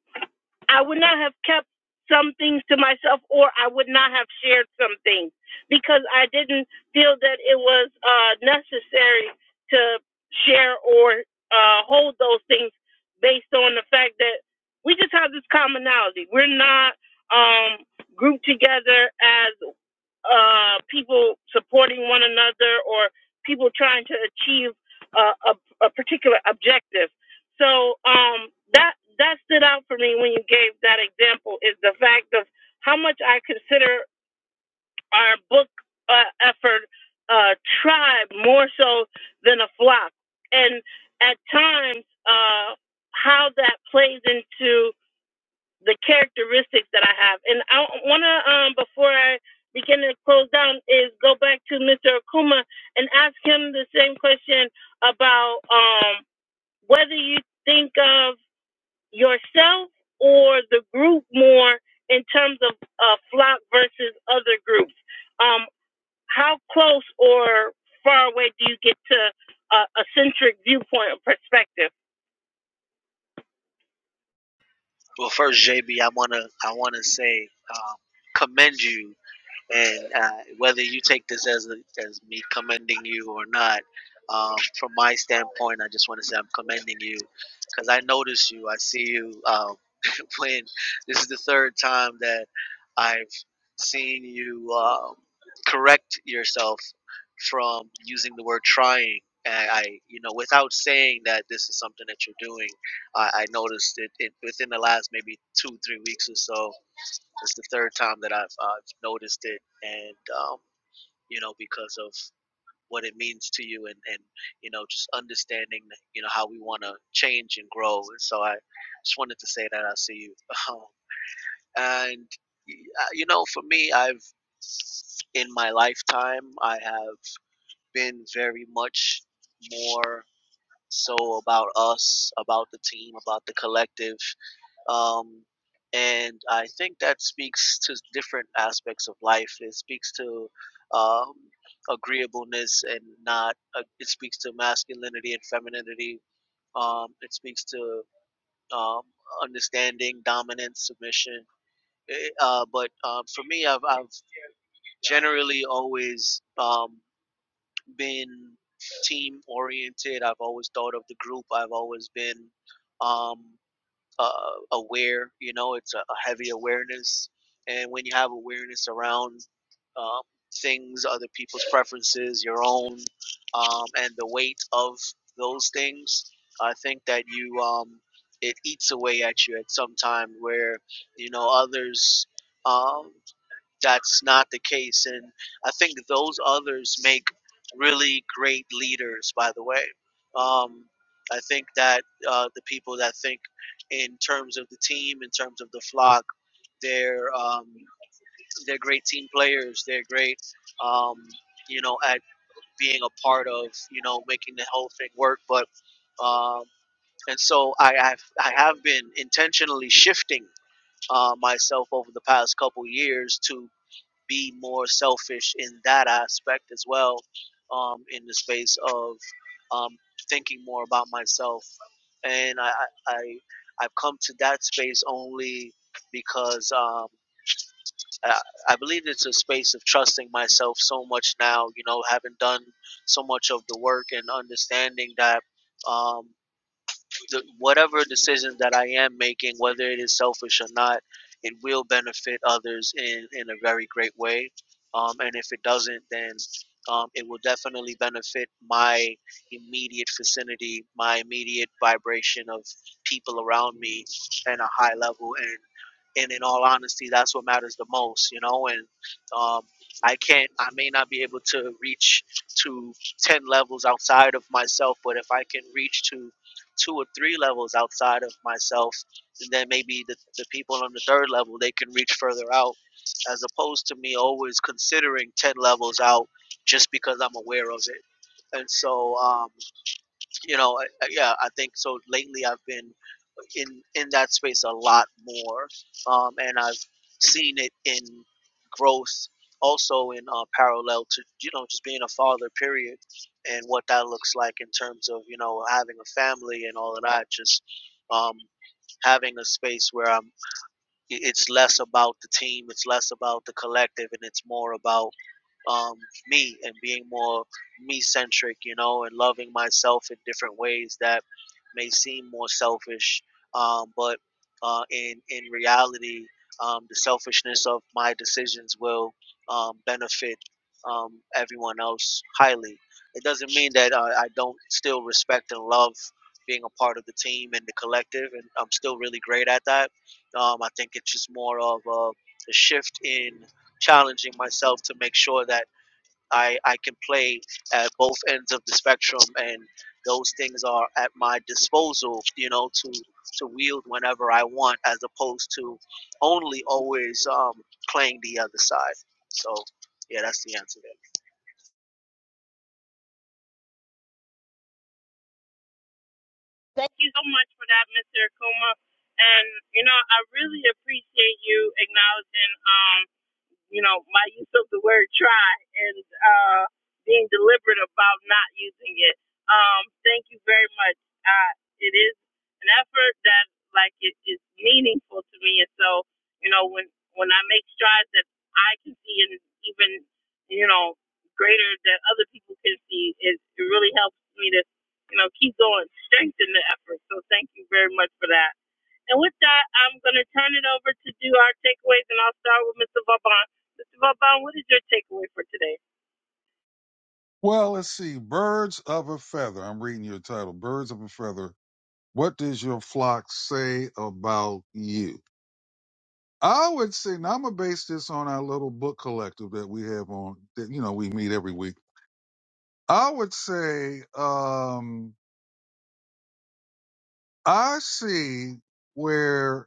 S1: I would not have kept some things to myself or I would not have shared some things because I didn't feel that it was uh, necessary to share or uh, hold those things based on the fact that we just have this commonality. We're not um, grouped together as uh, people supporting one another or people trying to achieve uh, a, a particular objective. So um, that that stood out for me when you gave that example is the fact of how much I consider our book uh, effort uh, tribe more so than a flock, and at times uh, how that plays into the characteristics that I have. And I want to, um, before I begin to close down, is go back to Mr. Akuma and ask him the same question about um, whether you think of yourself or the group more in terms of uh, flock versus other groups. Um, how close or far away do you get to a, a centric viewpoint or perspective?
S2: Well, first, JB, I wanna I wanna say um, commend you and uh, whether you take this as a, as me commending you or not, um, from my standpoint, I just want to say I'm commending you because I notice you. I see you um, when this is the third time that I've seen you um, correct yourself from using the word trying. And I, you know, without saying that this is something that you're doing, I, I noticed it, it within the last maybe two, three weeks or so it's the third time that I've, I've noticed it, and um, you know, because of what it means to you, and and you know, just understanding, you know, how we want to change and grow. And so I just wanted to say that I see you, um, and uh, you know, for me, I've in my lifetime, I have been very much more so about us, about the team, about the collective um, and I think that speaks to different aspects of life. It speaks to um, agreeableness and not. Uh, it speaks to masculinity and femininity. Um, it speaks to um, understanding, dominance, submission. Eh, Uh, but um, for me, I've, I've generally always um, been team oriented. I've always thought of the group. I've always been. Um, uh, aware. You know, it's a, a heavy awareness, and when you have awareness around um, things, other people's preferences, your own, um, and the weight of those things, I think that you um, it eats away at you at some time where you know others. Um, that's not the case. And I think those others make really great leaders, by the way. Um, I think that uh, the people that think in terms of the team, in terms of the flock, they're, um, they're great team players. They're great, um, you know, at being a part of, you know, making the whole thing work. But um, and so I have I have been intentionally shifting uh, myself over the past couple years to be more selfish in that aspect as well, um, in the space of um, thinking more about myself. And I, I, I- I've come to that space only because um, I, I believe it's a space of trusting myself so much now, you know, having done so much of the work and understanding that. Um, the, whatever decisions that I am making, whether it is selfish or not, it will benefit others in, in a very great way. Um, and if it doesn't, then um, it will definitely benefit my immediate vicinity, my immediate vibration of people around me at a high level. And, and in all honesty, that's what matters the most, you know. And um, I can't, I may not be able to reach to 10 levels outside of myself, but if I can reach to two or three levels outside of myself and then maybe the, the people on the third level they can reach further out as opposed to me always considering 10 levels out just because i'm aware of it and so um, you know I, I- yeah i think so lately i've been in in that space a lot more um and i've seen it in growth also in uh, parallel to you know just being a father period and what that looks like in terms of you know having a family and all of that just um having a space where i'm it's less about the team, it's less about the collective, and it's more about um, me and being more me centric, you know, and loving myself in different ways that may seem more selfish, um, but uh, in in reality, um, the selfishness of my decisions will um, benefit um, everyone else highly. It doesn't mean that uh, I don't still respect and love being a part of the team and the collective, and I'm still really great at that um, I think it's just more of a, a shift in challenging myself to make sure that I, I can play at both ends of the spectrum and those things are at my disposal, you know, to to wield whenever I want as opposed to only always um, playing the other side. So yeah, that's the answer
S1: Thank you so much for that, Mr. Akuma. And you know, I really appreciate you acknowledging. um, you know, my use of the word try and uh, being deliberate about not using it. Um, thank you very much. Uh, it is an effort that, like, it is meaningful to me. And so, you know, when, when I make strides that I can see and even, you know, greater that other people can see, it, it really helps me to, you know, keep going, strengthen the effort. So thank you very much for that. And with that, I'm going to turn it over to do our takeaways, and I'll start with Mr. Vauban. Mr. Vauban, what is your takeaway for today?
S3: Well, let's see. Birds of a feather. I'm reading your title. Birds of a feather. What does your flock say about you? I would say, now I'm gonna base this on our little book collective that we have on that you know we meet every week. I would say um I see where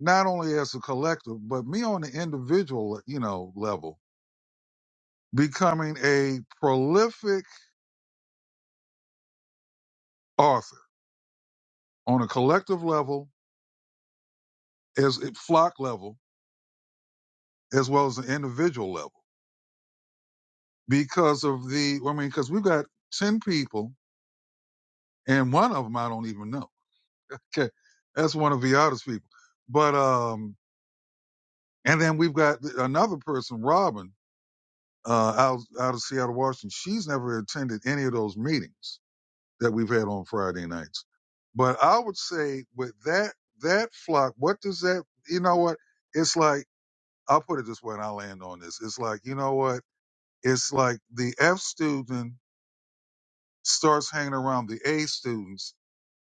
S3: not only as a collective, but me on the individual, you know, level, becoming a prolific author on a collective level, as a flock level, as well as an individual level, because of the, I mean, because we've got 10 people and one of them I don't even know. Okay. That's one of the oddest people. But, um, and then we've got another person, Robin, uh, out, out of Seattle, Washington. She's never attended any of those meetings that we've had on Friday nights. But I would say with that that flock, what does that you know what? It's like I'll put it this way and I'll land on this. It's like, you know what? It's like the F student starts hanging around the A students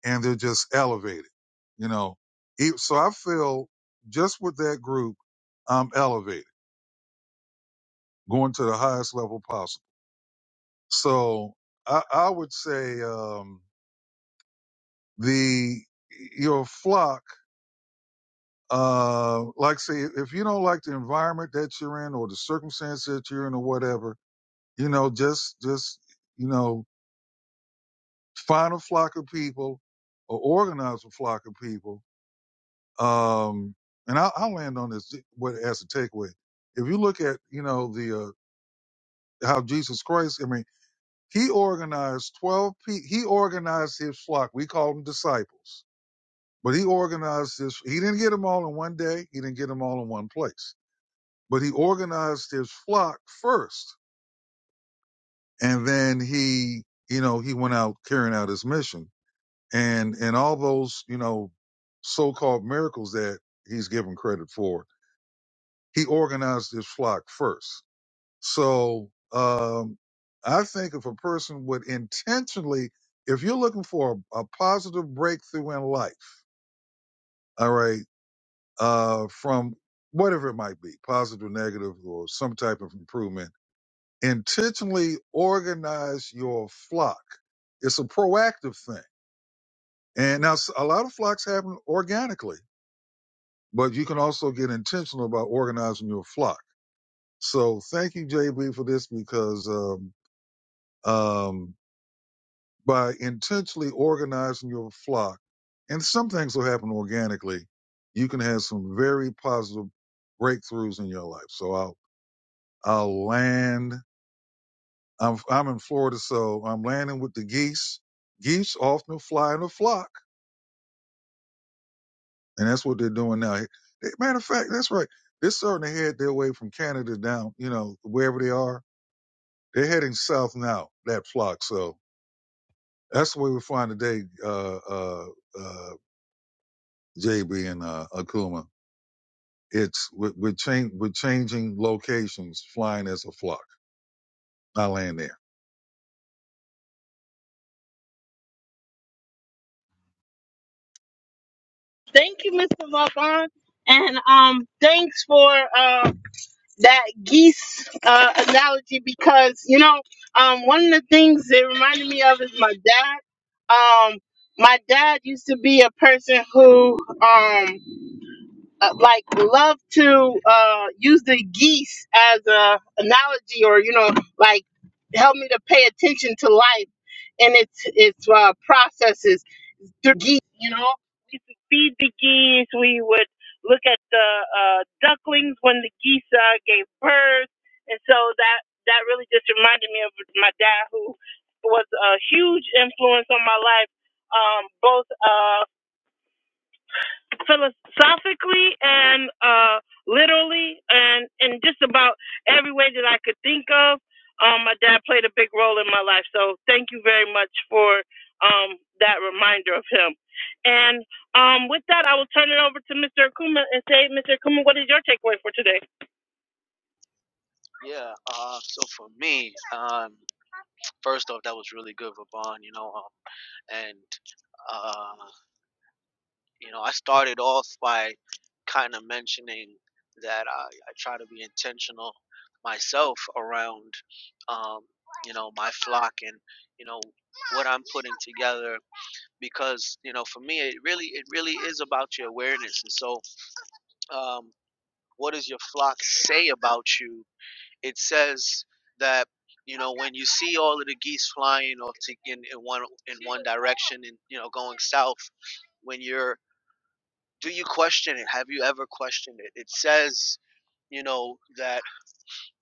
S3: and they're just elevated, you know. E- So I feel just with that group, I'm elevated, going to the highest level possible. So I, I would say um, the your flock Uh, like say, if you don't like the environment that you're in or the circumstance that you're in or whatever, you know, just just you know, find a flock of people or organize a flock of people. Um, and I'll, I'll land on this what as a takeaway. If you look at you know the uh, how Jesus Christ, I mean, he organized twelve. people. he organized his flock. We call them disciples, but he organized this. He didn't get them all in one day. He didn't get them all in one place but he organized his flock first and then he you know he went out carrying out his mission and and all those you know so-called miracles that he's given credit for he organized his flock first so um i think if a person would intentionally if you're looking for a, a positive breakthrough in life all right uh from whatever it might be positive negative or some type of improvement intentionally organize your flock. It's a proactive thing. And now s- a lot of flocks happen organically, but you can also get intentional about organizing your flock. So thank you, JB, for this because um, um, by intentionally organizing your flock, and some things will happen organically, you can have some very positive breakthroughs in your life. So I'll I'll land I'm I'm in Florida, so I'm landing with the geese. Geese often fly in a flock, and that's what they're doing now. They- Matter of fact, that's right. They're starting to head their way from Canada down, you know, wherever they are. They're heading south now. That flock, so that's the way we find today. Uh, uh, uh, JB and uh, Akuma. It's we're, we're, change, we're changing locations, flying as a flock. I land there.
S1: Thank you, Mr. Vauban, and um, thanks for uh, that geese uh, analogy because you know um, one of the things it reminded me of is my dad. Um, my dad used to be a person who um, uh, like love to uh, use the geese as a analogy or you know like help me to pay attention to life and its its uh, processes through geese you know we used to feed the geese we would look at the uh, ducklings when the geese uh, gave birth and so that that really just reminded me of my dad who was a huge influence on my life um, both uh, philosophically and uh, literally and in just about every way that I could think of. Um, my dad played a big role in my life, so thank you very much for um, that reminder of him. And um, with that, I will turn it over to Mr. Akuma and say, Mr. Akuma, what is your takeaway for today?
S2: there. Yeah. Uh, so for me, um, first off, that was really good, Vaughn. You know, um, and. uh, You know, I started off by kind of mentioning that I, I try to be intentional myself around, um, you know, my flock and you know what I'm putting together because you know for me it really it really is about your awareness and so um, what does your flock say about you? It says that you know when you see all of the geese flying off to, in, in one in one direction and you know going south when you're do you question it? Have you ever questioned it? It says, you know, that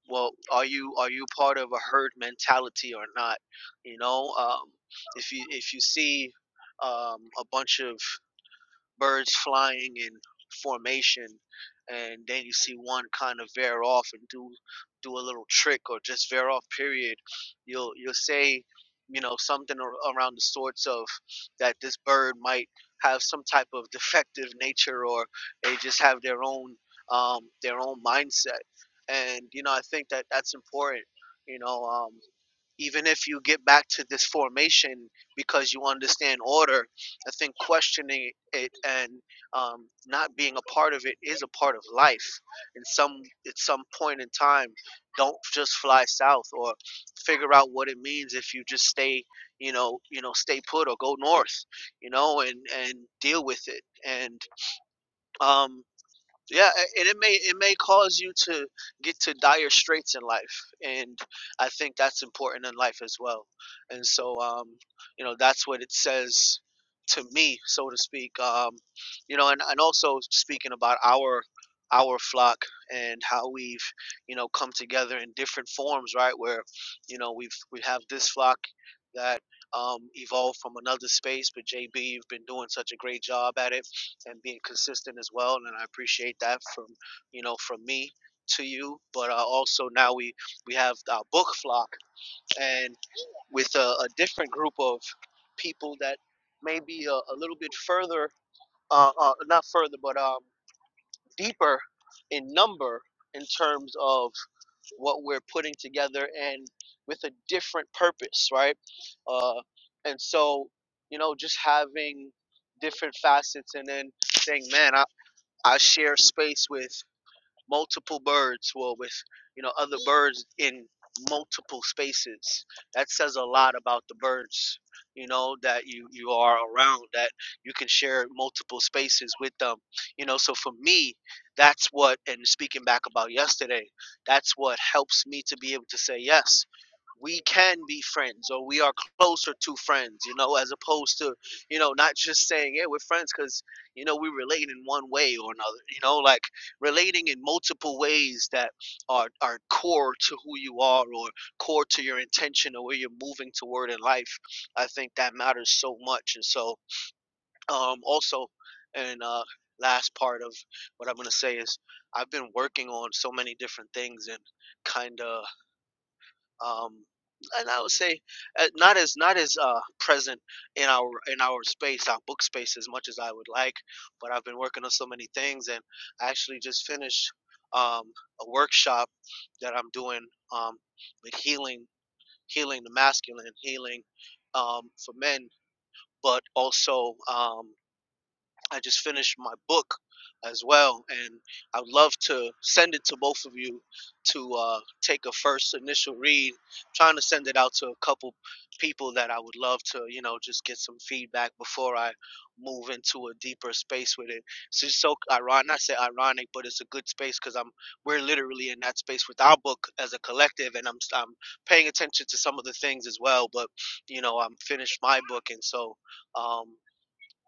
S2: well, are you are you part of a herd mentality or not? You know, um, if you if you see um, a bunch of birds flying in formation and then you see one kind of veer off and do do a little trick or just veer off period you'll you'll say you know something ar- around the sorts of that this bird might have some type of defective nature or they just have their own um, their own mindset and you know i think that that's important you know um, even if you get back to this formation because you understand order I think questioning it and um, not being a part of it is a part of life. In some at some point in time, don't just fly south or figure out what it means if you just stay, you know, you know, stay put or go north, you know, and and deal with it. And um, yeah, a- and it may it may cause you to get to dire straits in life, and I think that's important in life as well. And so, um, you know, that's what it says to me, so to speak. Um, you know, and and also speaking about our our flock and how we've you know come together in different forms, right? Where you know we've we have this flock that um, evolved from another space, but JB, you've been doing such a great job at it and being consistent as well. And I appreciate that from you know from me to you. But uh, also now we we have our book flock, and with a, a different group of people that may be a, a little bit further, uh, uh, not further, but um, deeper in number in terms of what we're putting together and with a different purpose, right? Uh, and so you know just having different facets and then saying man I. I share space with multiple birds, well, with you know other birds in multiple spaces. That says a lot about the birds, you know, that you you are around, that you can share multiple spaces with them, you know. So for me, that's what, and speaking back about yesterday, that's what helps me to be able to say yes we can be friends or we are closer to friends, you know, as opposed to, you know, not just saying, yeah, we're friends because, you know, we relate in one way or another, you know, like relating in multiple ways that are, are core to who you are or core to your intention or where you're moving toward in life. I think that matters so much. And so, um, also, and, uh, last part of what I'm going to say is I've been working on so many different things and kind of um, and I would say uh, not as not as uh, present in our in our space, our book space, as much as I would like. But I've been working on so many things, and I actually just finished um, a workshop that I'm doing um, with healing, healing the masculine, healing um, for men, but also. Um, I just finished my book as well, and I would love to send it to both of you to uh, take a first initial read. I'm trying to send it out to a couple people that I would love to, you know, just get some feedback before I move into a deeper space with it. It's just so ironic. I say ironic, but it's a good space because I'm we're literally in that space with our book as a collective, and I'm I'm paying attention to some of the things as well. But you know, I'm finished my book, and so. Um,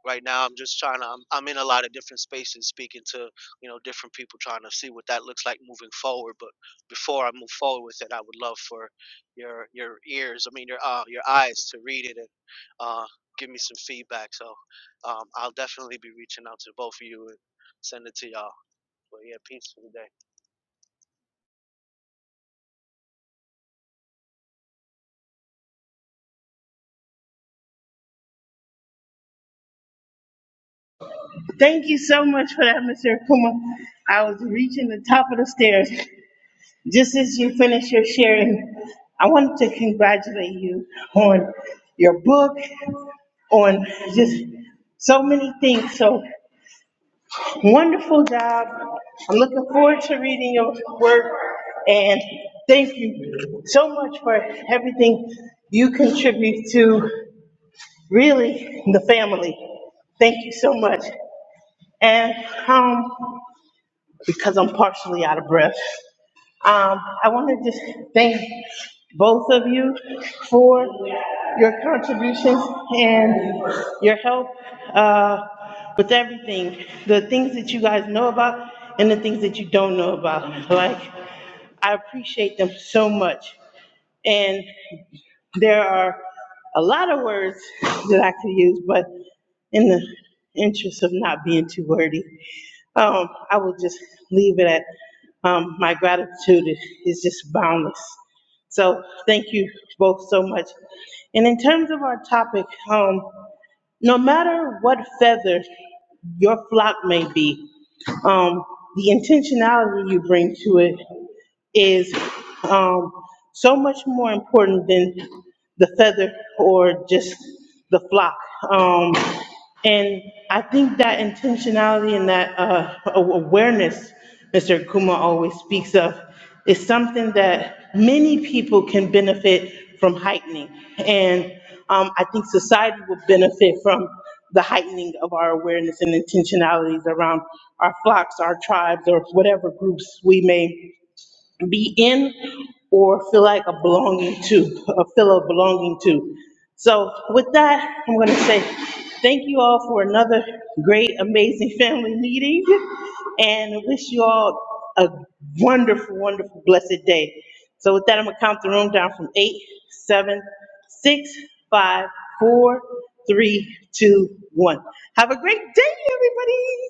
S2: right now i'm just trying to I'm, I'm in a lot of different spaces speaking to you know different people trying to see what that looks like moving forward but before i move forward with it i would love for your your ears i mean your uh, your eyes to read it and uh, give me some feedback so um, i'll definitely be reaching out to both of you and send it to y'all but yeah peace for the day
S1: Thank you so much for that, Mr. Akuma. I was reaching the top of the stairs. Just as you finished your sharing, I wanted to congratulate you on your book. on just so many things. So wonderful job. I'm looking forward to reading your work and thank you so much for everything you contribute to really the family. Thank you so much. And, um, because I'm partially out of breath. Um, I want to just thank both of you for your contributions and your help uh, with everything, the things that you guys know about and the things that you don't know about. Like, I appreciate them so much. and. There are a lot of words that I could use, but in the interest of not being too wordy, um, I will just leave it at um, my gratitude is is just boundless. So thank you both so much. And in terms of our topic, um, no matter what feather your flock may be, um, the intentionality you bring to it is um, so much more important than the feather or just the flock. Um, And I think that intentionality and that uh, a- awareness Mr. Kuma always speaks of is something that many people can benefit from heightening. And um, I think society will benefit from the heightening of our awareness and intentionalities around our flocks, our tribes, or whatever groups we may be in or feel like a belonging to, a feel of belonging to. So with that, I'm going to say thank you all for another great, amazing family meeting and wish you all a wonderful, wonderful, blessed day. So with that, I'm going to count the room down from eight, seven, six, five, four, three, two, one. Have a great day, everybody.